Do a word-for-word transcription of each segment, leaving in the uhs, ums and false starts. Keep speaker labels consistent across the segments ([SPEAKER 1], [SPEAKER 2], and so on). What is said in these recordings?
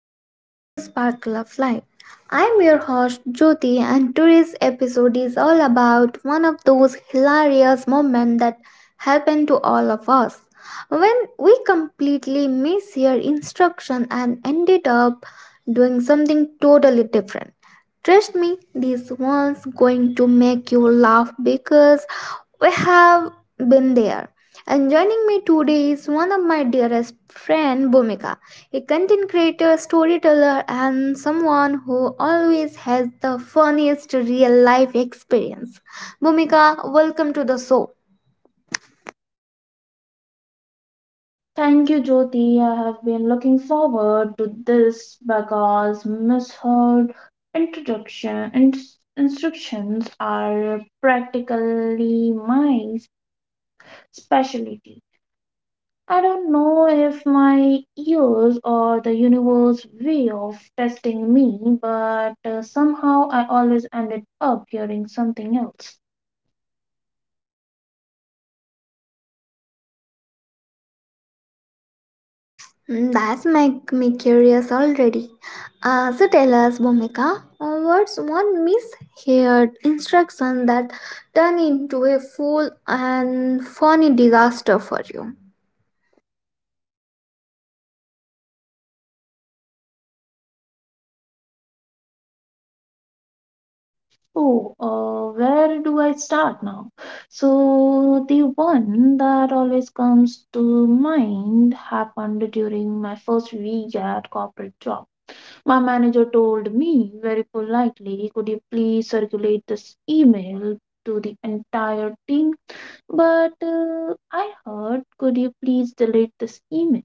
[SPEAKER 1] welcome back to Sparkle of Life. I'm your host Jyoti, and today's episode is all about one of those hilarious moments that happen to all of us, when we completely miss your instruction and ended up doing something totally different. Trust me, this one's going to make you laugh because we have been there. And joining me today is one of my dearest friend Bhumika, a content creator, storyteller and someone who always has the funniest real life experience. Bhumika, welcome to the show.
[SPEAKER 2] Thank you, Jyoti. I have been looking forward to this because misheard introduction and instructions are practically my specialty. I don't know if my ears or the universe way of testing me, but uh, somehow I always ended up hearing something else.
[SPEAKER 1] Mm, that's make me curious already. Uh, so tell us Bhumika, uh, what's one misheard instruction that turned into a full and funny disaster for you?
[SPEAKER 2] Oh, uh, where do I start now? So, the one that always comes to mind happened during my first week at corporate job. My manager told me very politely, could you please circulate this email to the entire team? But uh, I heard, could you please delete this email?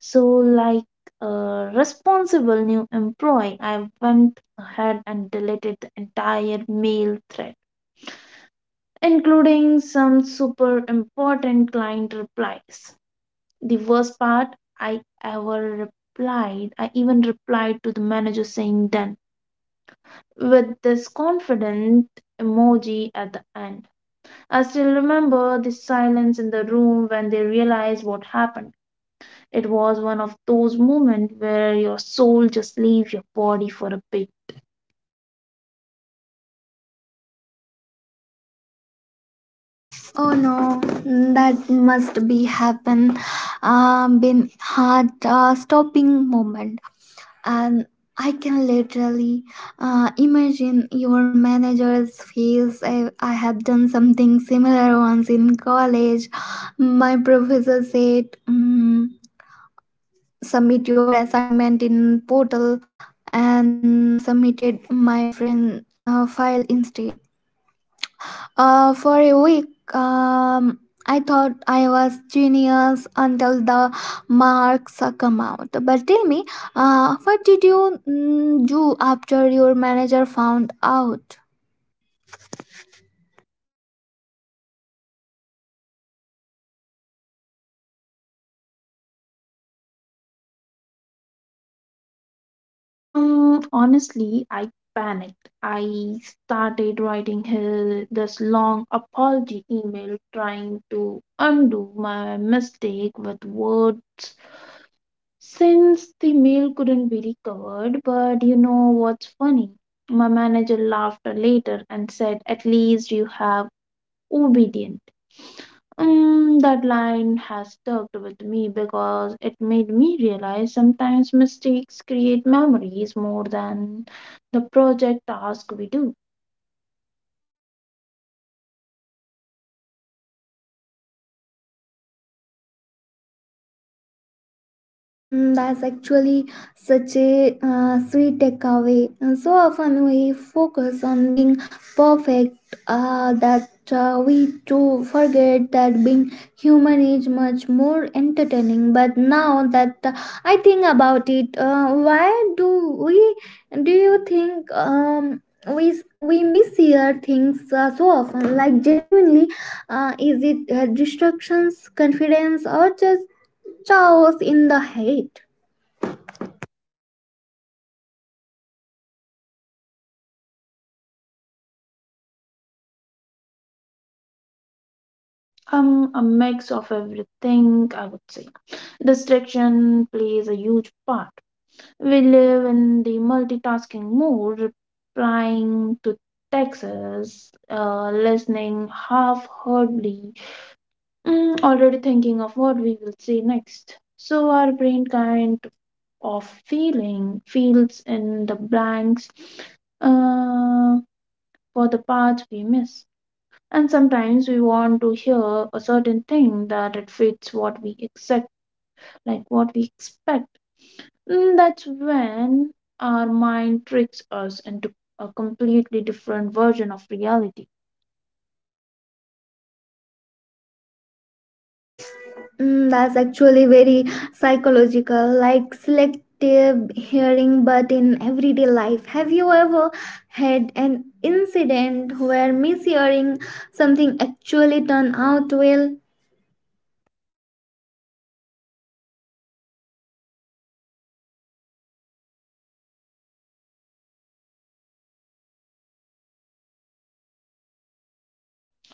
[SPEAKER 2] So, like a responsible new employee, I went ahead and deleted the entire mail thread including some super important client replies. The worst part, I ever replied, I even replied to the manager saying done with this confident emoji at the end. I still remember the silence in the room when they realized what happened. It was one of those moments where your soul just leaves your body for a bit.
[SPEAKER 1] Oh no, that must be happen. Um, been heart uh, stopping moment, and I can literally uh, imagine your manager's face. I, I have done something similar once in college. My professor said, mm, "Submit your assignment in portal," and uh, submitted my friend uh, file instead. Uh, for a week, um, I thought I was genius until the marks uh, come out. But tell me, uh, what did you mm, do after your manager found out?
[SPEAKER 2] Um, honestly, I panicked. I started writing her this long apology email trying to undo my mistake with words since the mail couldn't be recovered. But you know what's funny? My manager laughed later and said, at least you have obedient. Um, that line has stuck with me because it made me realize sometimes mistakes create memories more than the project task we do.
[SPEAKER 1] Mm, that's actually such a uh, sweet takeaway. And so often we focus on being perfect uh, that uh, we too forget that being human is much more entertaining. But now that uh, I think about it, uh, why do we do you think um, we we mishear things uh, so often? Like genuinely, uh, is it uh, distractions, confidence, or just chaos in the hate.
[SPEAKER 2] Um, a mix of everything, I would say. Distraction plays a huge part. We live in the multitasking mode, replying to texts, uh, listening half-heartedly, Mm, already thinking of what we will say next. So our brain kind of feeling fills in the blanks uh, for the parts we miss. And sometimes we want to hear a certain thing that it fits what we expect, like what we expect. Mm, that's when our mind tricks us into a completely different version of reality.
[SPEAKER 1] Mm, that's actually very psychological, like selective hearing, but in everyday life. Have you ever had an incident where mishearing something actually turned out well?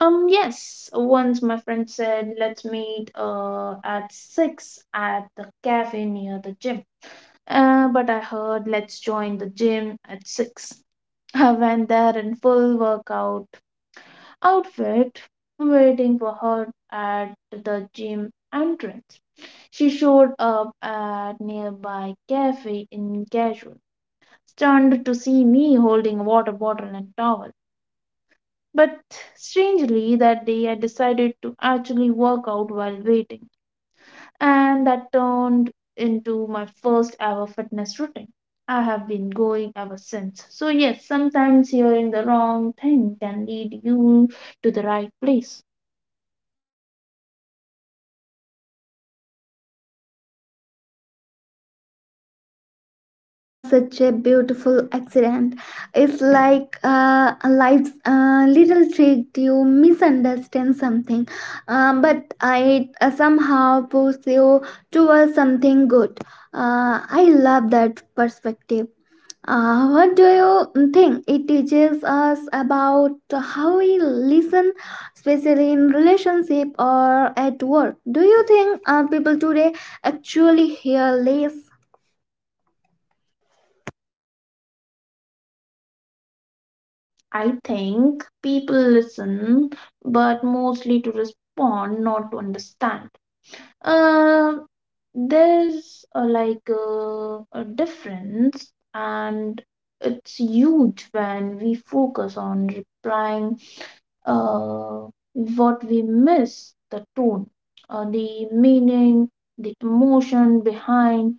[SPEAKER 2] Um, yes, once my friend said, let's meet uh, at six at the cafe near the gym. Uh, but I heard, let's join the gym at six. I went there in full workout outfit, waiting for her at the gym entrance. She showed up at nearby cafe in casual, stunned to see me holding a water bottle and towel. But strangely, that day I decided to actually work out while waiting, and that turned into my first ever fitness routine. I have been going ever since. So, yes, sometimes hearing the wrong thing can lead you to the right place.
[SPEAKER 1] Mm, that's such a beautiful accident. It's like uh, life's uh, little trick to misunderstand something, uh, but I uh, somehow pushes you towards something good. Uh, I love that perspective. Uh, what do you think it teaches us about how we listen, especially in relationship or at work? Do you think uh, people today actually hear less?
[SPEAKER 2] I think people listen, but mostly to respond, not to understand. Um, there's uh, like uh, a difference, and it's huge when we focus on replying uh, what we miss the tone, uh, the meaning, the emotion behind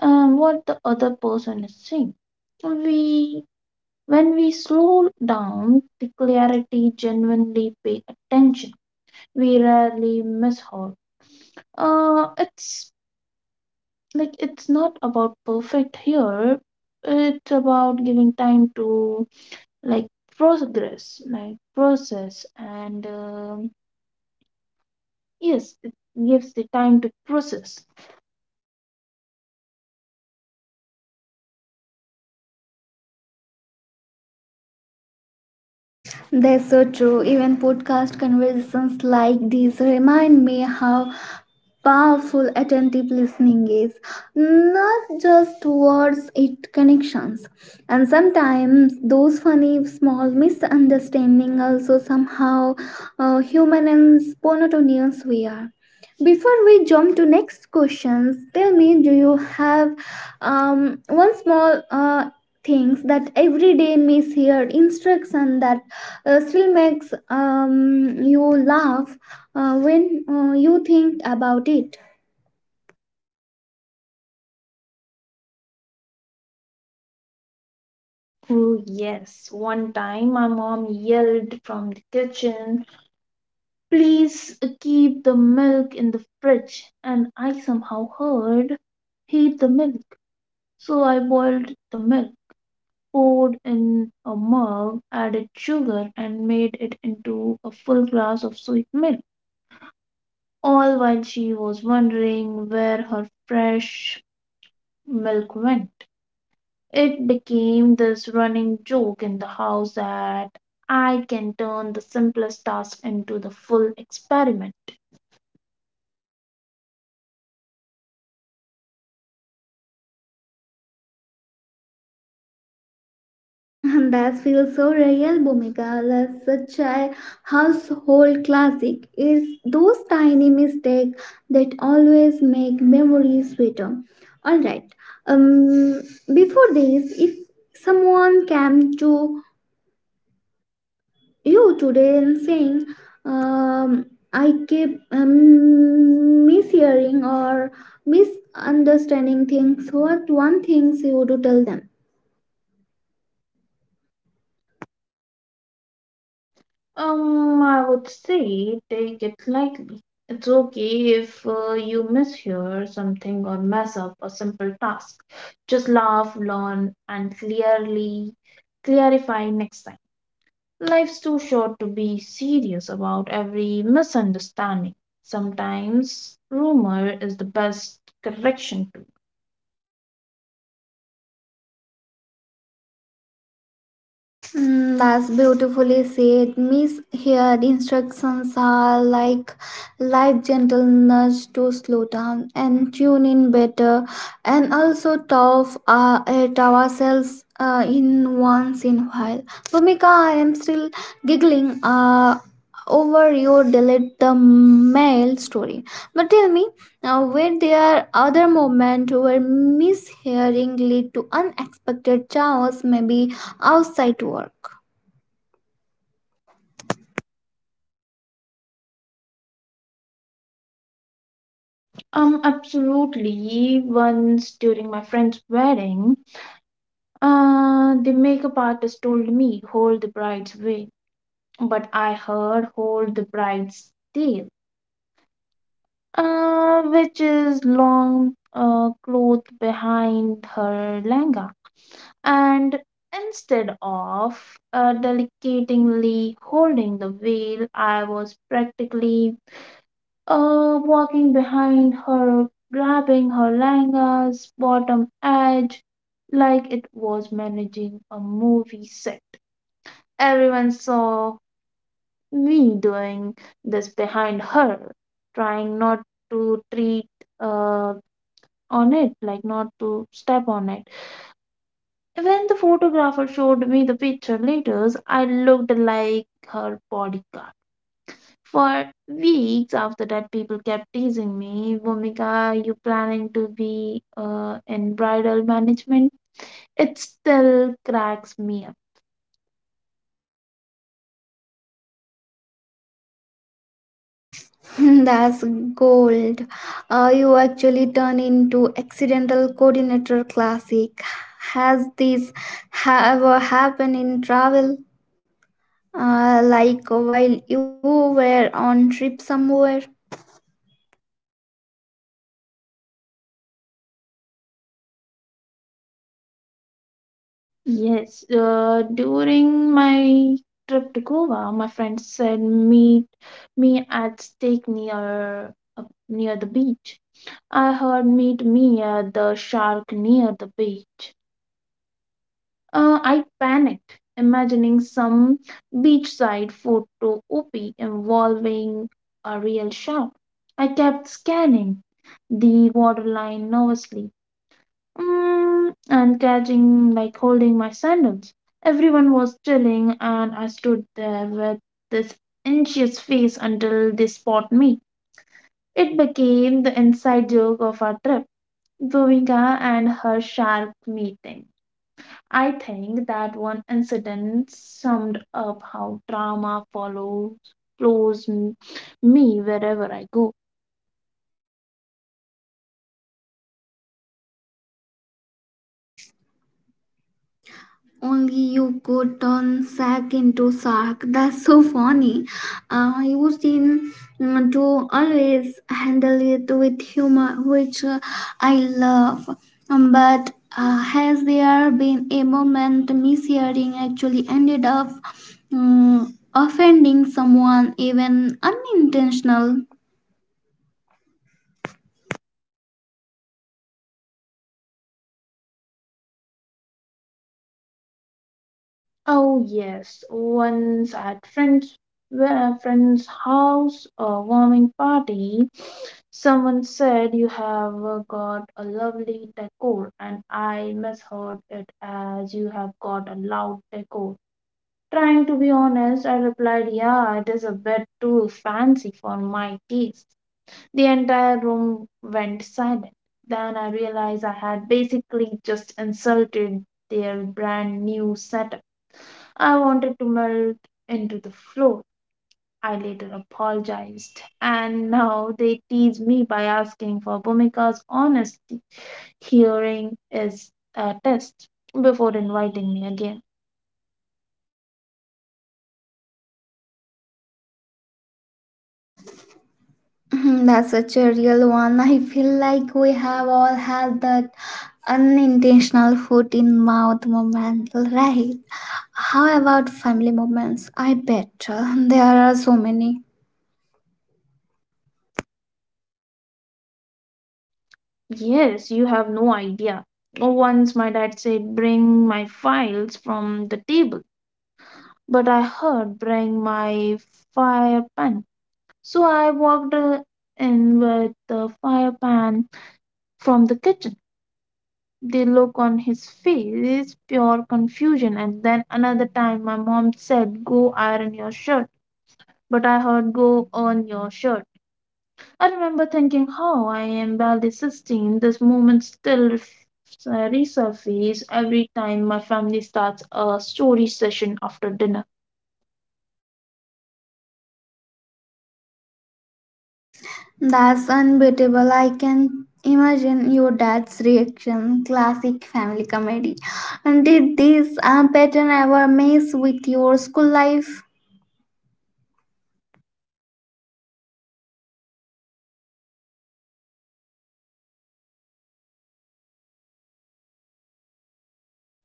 [SPEAKER 2] um, what the other person is saying. We when we slow down the clarity genuinely pay attention we rarely miss her uh, it's like it's not about perfect here, it's about giving time to like progress like process and um, yes, it gives the time to process.
[SPEAKER 1] That's so true. Even podcast conversations like these remind me how powerful attentive listening is, not just towards it connections, and sometimes those funny small misunderstanding also somehow uh, human and spontaneous we are. Before we jump to next questions, tell me, do you have um, one small uh, things, that everyday misheard instruction that uh, still makes um, you laugh uh, when uh, you think about it?
[SPEAKER 2] Oh yes, one time my mom yelled from the kitchen, please uh, keep the milk in the fridge, and I somehow heard heat the milk, so I boiled the milk, poured in a mug, added sugar, and made it into a full glass of sweet milk, all while she was wondering where her fresh milk went. It became this running joke in the house that I can turn the simplest task into the full experiment.
[SPEAKER 1] And that feels so real, Bhumika. That's such a household classic. It's those tiny mistakes that always make memories sweeter. All right. Um, Before this, if someone came to you today and saying, um, I keep um, mishearing or misunderstanding things, what one things you would tell them?
[SPEAKER 2] Um, I would say take it lightly. It's okay if uh, you mishear something or mess up a simple task. Just laugh, learn, and clearly clarify next time. Life's too short to be serious about every misunderstanding. Sometimes rumor is the best correction tool.
[SPEAKER 1] Mm, that's beautifully said. Misheard instructions are like life gentle nudge to slow down and tune in better, and also tough uh, at ourselves uh, in once in a while. Bhumika, I am still giggling uh, over your delete the mail story. But tell me, uh, were there other moments where mishearing lead to unexpected chaos? Maybe outside work.
[SPEAKER 2] Um, absolutely. Once during my friend's wedding, uh, the makeup artist told me, hold the bride's veil. But I heard hold the bride's tale, uh, which is long uh, cloth behind her langa. And instead of uh, delicately holding the veil, I was practically uh, walking behind her, grabbing her langa's bottom edge like it was managing a movie set. Everyone saw me doing this behind her, trying not to treat uh, on it, like not to step on it. When the photographer showed me the picture later, I looked like her bodyguard. For weeks after that, people kept teasing me, Vomika, you planning to be uh, in bridal management? It still cracks me up.
[SPEAKER 1] That's gold. Uh, you actually turn into accidental coordinator classic. Has this ha- ever happened in travel, uh, like while you were on trip somewhere?
[SPEAKER 2] Yes, uh, during my trip to Goa, my friends said meet me at stake near uh, near the beach. I heard meet me at the shark near the beach. Uh, I panicked, imagining some beachside photo op involving a real shark. I kept scanning the waterline nervously, Mm, and catching, like holding my sandals. Everyone was chilling, and I stood there with this anxious face until they spot me. It became the inside joke of our trip, Bhumika and her sharp meeting. I think that one incident summed up how drama follows follows m- me wherever I go.
[SPEAKER 1] Only you could turn sack into sark. That's so funny. Uh, I used in mm, to always handle it with humor, which uh, I love. Um, but uh, has there been a moment mishearing actually ended up mm, offending someone, even unintentional?
[SPEAKER 2] Oh yes, once at friends uh, friend's house a warming party, someone said you have uh, got a lovely decor, and I misheard it as you have got a loud decor. Trying to be honest, I replied, "Yeah, it is a bit too fancy for my taste." The entire room went silent. Then I realized I had basically just insulted their brand new setup. I wanted to melt into the floor. I later apologized, and now they tease me by asking for Bhumika's honesty hearing is a test before inviting me again.
[SPEAKER 1] Hmm, that's such a real one. I feel like we have all had that unintentional foot in mouth moment, right? How about family moments? I bet uh, there are so many.
[SPEAKER 2] Yes, you have no idea. Once my dad said, bring my files from the table, but I heard, bring my fire pan. So I walked uh, in with the fire pan from the kitchen. The look on his face is pure confusion. And then another time, my mom said, go iron your shirt. But I heard, go earn your shirt. I remember thinking how I am barely sixteen. This moment still f- resurfaces every time my family starts a story session after dinner.
[SPEAKER 1] That's unbeatable. I can imagine your dad's reaction. Classic family comedy. And did this uh, pattern ever mess with your school life?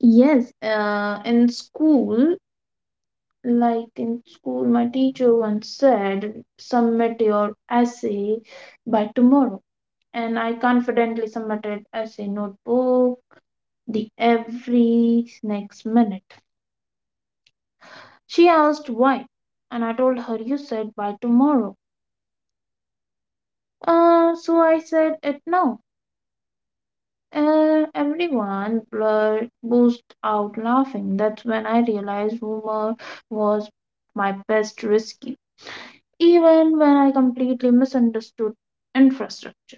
[SPEAKER 2] Yes, uh, in school, like in school, my teacher once said, submit your essay by tomorrow. And I confidently submitted essay notebook the every next minute. She asked why, and I told her you said by tomorrow. Uh, so I said it now. Uh, everyone blur- burst out laughing. That's when I realized humor was my best rescue, even when I completely misunderstood infrastructure.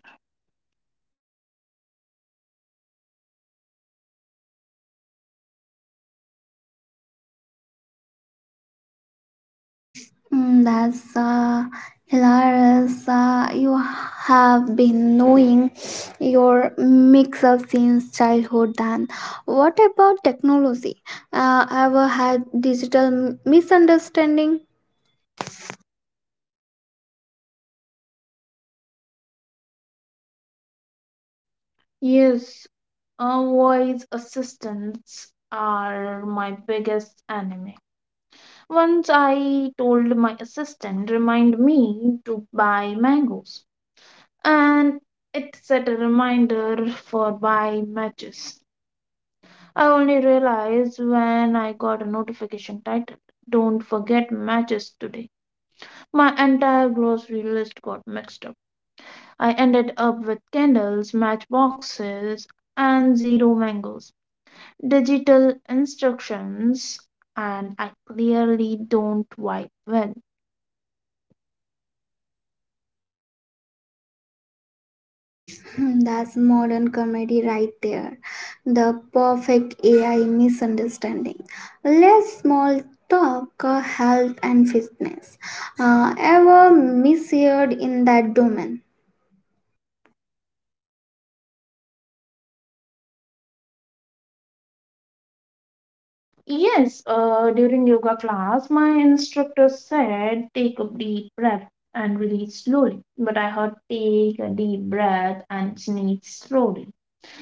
[SPEAKER 1] Mm, that's uh, hilarious. Uh, you have been knowing your mix up since childhood. Then, what about technology? Uh, ever had digital m- misunderstanding?
[SPEAKER 2] Yes, uh, voice assistants are my biggest enemy. Once I told my assistant remind me to buy mangoes and it set a reminder for buy matches. I only realized when I got a notification titled don't forget matches today. My entire grocery list got mixed up. I ended up with candles, matchboxes and zero mangoes. Digital instructions and I clearly don't wipe well.
[SPEAKER 1] Hmm, that's modern comedy right there. The perfect A I misunderstanding. Let's small talk uh, health and fitness. Uh, ever misheard in that domain?
[SPEAKER 2] Yes, uh, during yoga class, my instructor said take a deep breath and release slowly. But I heard take a deep breath and sneeze slowly.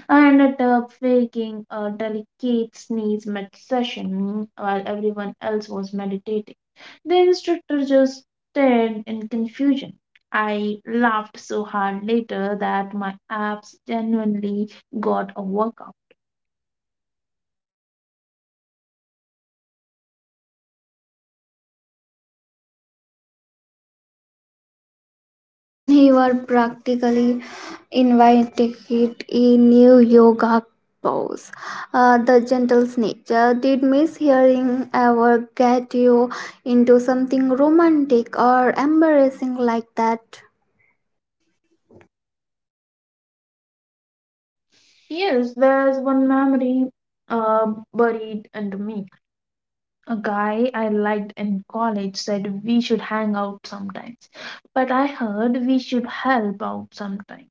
[SPEAKER 2] I ended up faking a delicate sneeze mid session while everyone else was meditating. The instructor just stared in confusion. I laughed so hard later that my abs genuinely got a workout.
[SPEAKER 1] He was practically invited a new yoga pose. Uh, the gentle nature did Miss Hearing ever get you into something romantic or embarrassing like that?
[SPEAKER 2] Yes, there's one memory uh, buried into me. A guy I liked in college said we should hang out sometimes, but I heard we should help out sometime.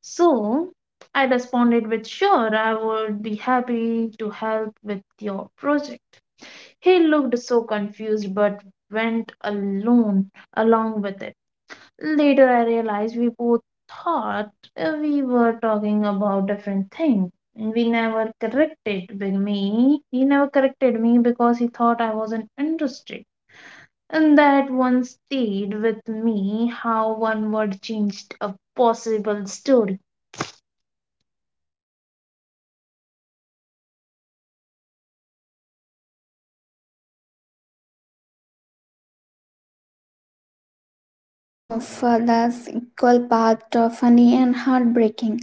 [SPEAKER 2] So I responded with, sure, I would be happy to help with your project. He looked so confused but went alone along with it. Later, I realized we both thought uh, we were talking about different things. We never corrected b- me. He never corrected me because he thought I wasn't interested. And that one stayed with me how one word changed a possible story.
[SPEAKER 1] Oh, for that's equal part of funny and heartbreaking.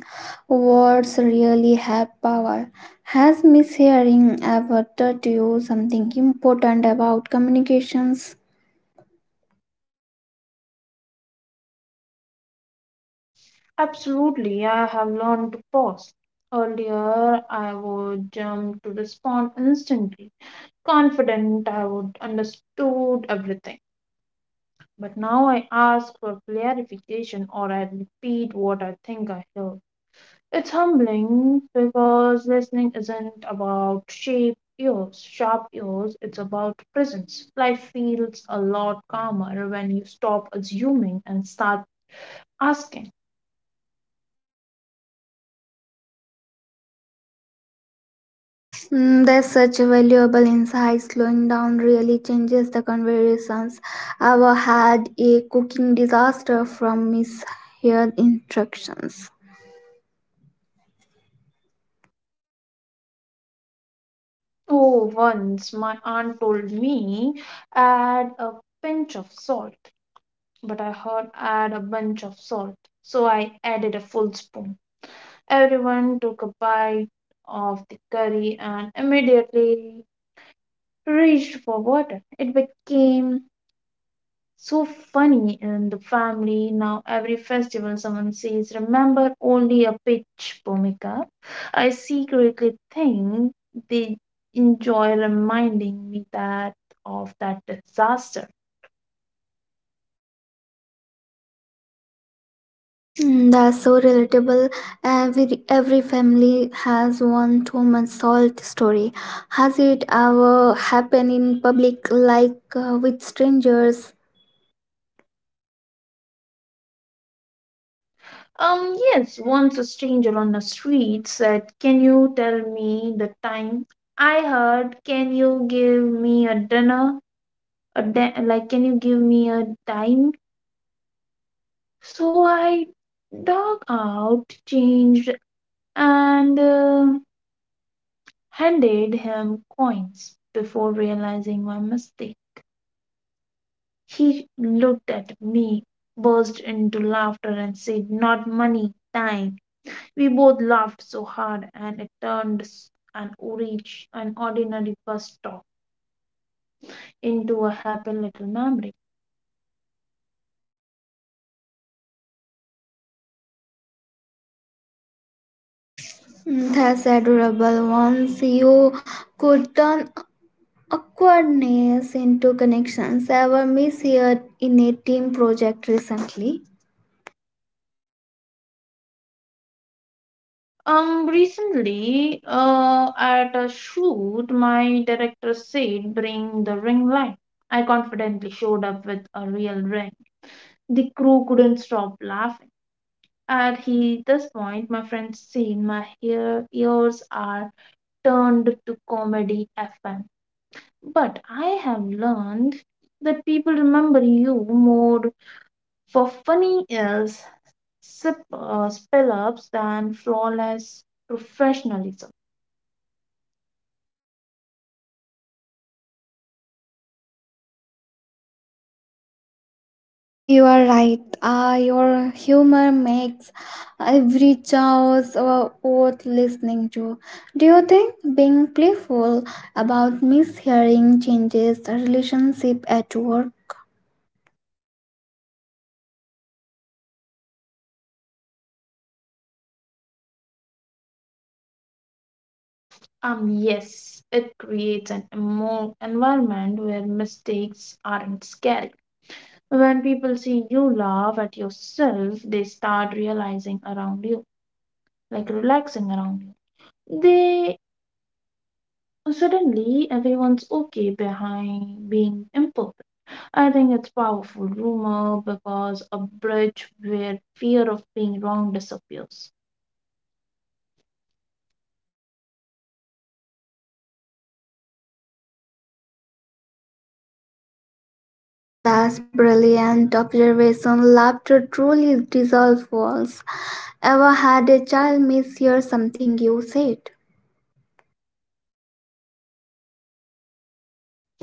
[SPEAKER 1] Words really have power. Has mishearing ever taught you something important about communications?
[SPEAKER 2] Absolutely, I have learned to pause. Earlier, I would jump to respond instantly, confident I would understood everything. But now I ask for clarification or I repeat what I think I heard. It's humbling because listening isn't about shape ears, sharp ears, it's about presence. Life feels a lot calmer when you stop assuming and start asking.
[SPEAKER 1] Mm, that's such a valuable insight. Slowing down really changes the conversations. I've had a cooking disaster from misheard instructions.
[SPEAKER 2] Oh, once my aunt told me add a pinch of salt, but I heard add a bunch of salt, so I added a full spoon. Everyone took a bite of the curry and immediately reached for water. It became so funny in the family. Now, every festival, someone says, remember only a pitch, Bhumika. I secretly think they enjoy reminding me that of that disaster.
[SPEAKER 1] Mm, that's so relatable. Every every family has one too much salt story. Has it ever happened in public, like uh, with strangers?
[SPEAKER 2] Um, yes, once a stranger on the street said, can you tell me the time? I heard, can you give me a dinner? A di- like, can you give me a dime? So I dug out, changed, and uh, handed him coins. Before realizing my mistake, he looked at me, burst into laughter, and said, not money, time. We both laughed so hard, and it turned s- an orange, an ordinary bus stop into a happy little memory.
[SPEAKER 1] Mm, that's adorable. Once you could turn awkwardness into connections. I ever misheard in a team project recently?
[SPEAKER 2] Um, recently, uh, at a shoot, my director said, "Bring the ring light." I confidently showed up with a real ring. The crew couldn't stop laughing. At he, this point, my friends seen my hair, ears are turned to comedy F M. But I have learned that people remember you more for funny ills, sip, uh, spill ups than flawless professionalism.
[SPEAKER 1] You are right, uh, your humor makes every choice uh, worth listening to. Do you think being playful about mishearing changes the relationship at work?
[SPEAKER 2] Um, yes, it creates an emo- environment where mistakes aren't scary. When people see you laugh at yourself, they start realizing around you, like relaxing around you. They suddenly everyone's okay behind being imperfect. I think it's powerful rumor because a bridge where fear of being wrong disappears.
[SPEAKER 1] Mm, that's brilliant observation. Laughter truly dissolves walls. Ever had a child mishear something you said?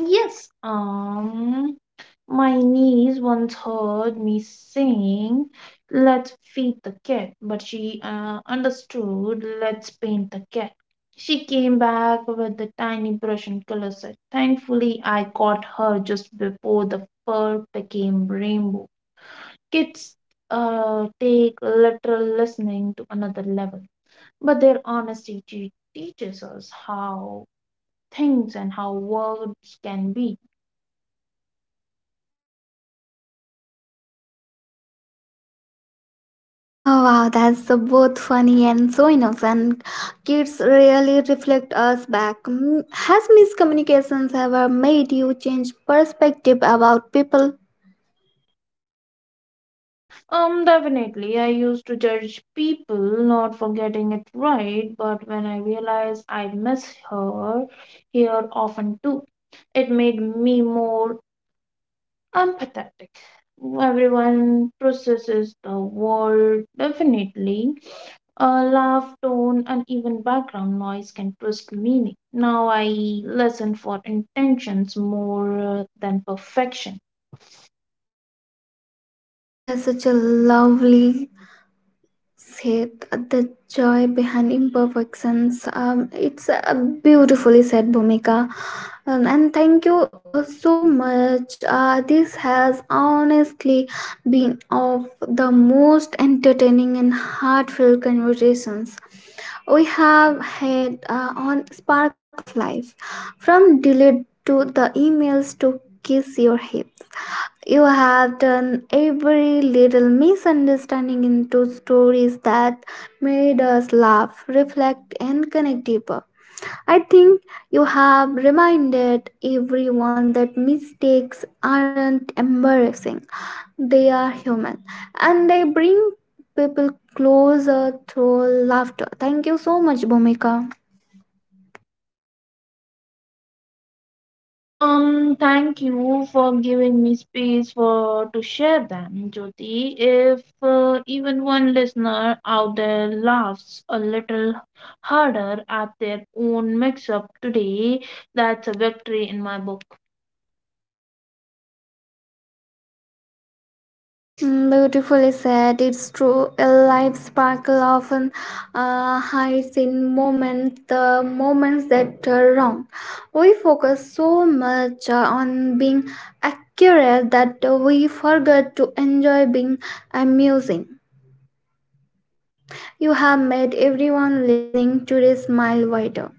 [SPEAKER 2] Yes, um, my niece once heard me saying, "Let's feed the cat," but she uh, understood, "Let's paint the cat." She came back with a tiny brush and color set. Thankfully, I caught her just before the fur became rainbow. Kids uh, take literal listening to another level. But their honesty te- teaches us how things and how words can be.
[SPEAKER 1] Oh wow, that's so both funny and so innocent. Kids really reflect us back. Mm, has miscommunications ever made you change perspective about people?
[SPEAKER 2] Um, definitely, I used to judge people not for getting it right, but when I realized I miss her here often too, it made me more empathetic. Everyone processes the world definitely. A laugh, tone, and even background noise can twist meaning. Now I listen for intentions more uh, than perfection.
[SPEAKER 1] That's such a lovely said. The joy behind imperfections. Um, it's uh, beautifully said, Bhumika. Um, and thank you uh, so much. Uh, this has honestly been of the most entertaining and heartfelt conversations we have had uh, on Sparkle of Life. From delete to the emails to kiss your hip. You have turned every little misunderstanding into stories that made us laugh, reflect, and connect deeper. I think you have reminded everyone that mistakes aren't embarrassing, they are human, and they bring people closer through laughter. Thank you so much, Bhumika.
[SPEAKER 2] Um, thank you for giving me space for to share them, Jyoti. If uh, even one listener out there laughs a little harder at their own mix-up today, that's a victory in my book.
[SPEAKER 1] Mm, beautifully said. It's true. A life sparkle often uh, hides in moments, the moments that are wrong. We focus so much uh, on being accurate that we forget to enjoy being amusing. You have made everyone listening today smile wider.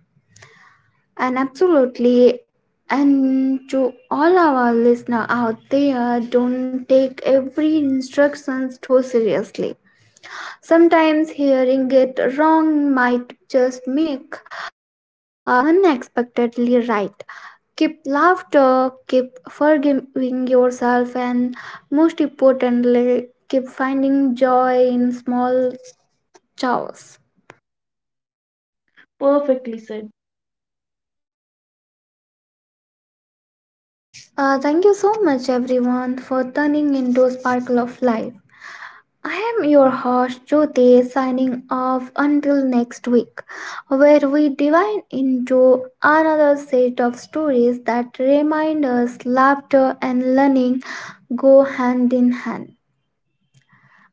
[SPEAKER 1] And absolutely, and to all our listener out there, don't take every instructions too seriously. Sometimes hearing it wrong might just make uh, life unexpectedly right. Keep laughter, keep forgiving yourself, and most importantly, keep finding joy in small chores.
[SPEAKER 2] Perfectly said.
[SPEAKER 1] Uh, thank you so much, everyone, for turning into Sparkle of Life. I am your host Jyoti, signing off until next week, where we dive into another set of stories that remind us laughter and learning go hand in hand.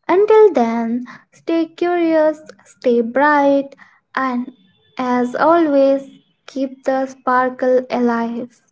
[SPEAKER 1] Until then, stay curious, stay bright, and as always, keep the sparkle alive.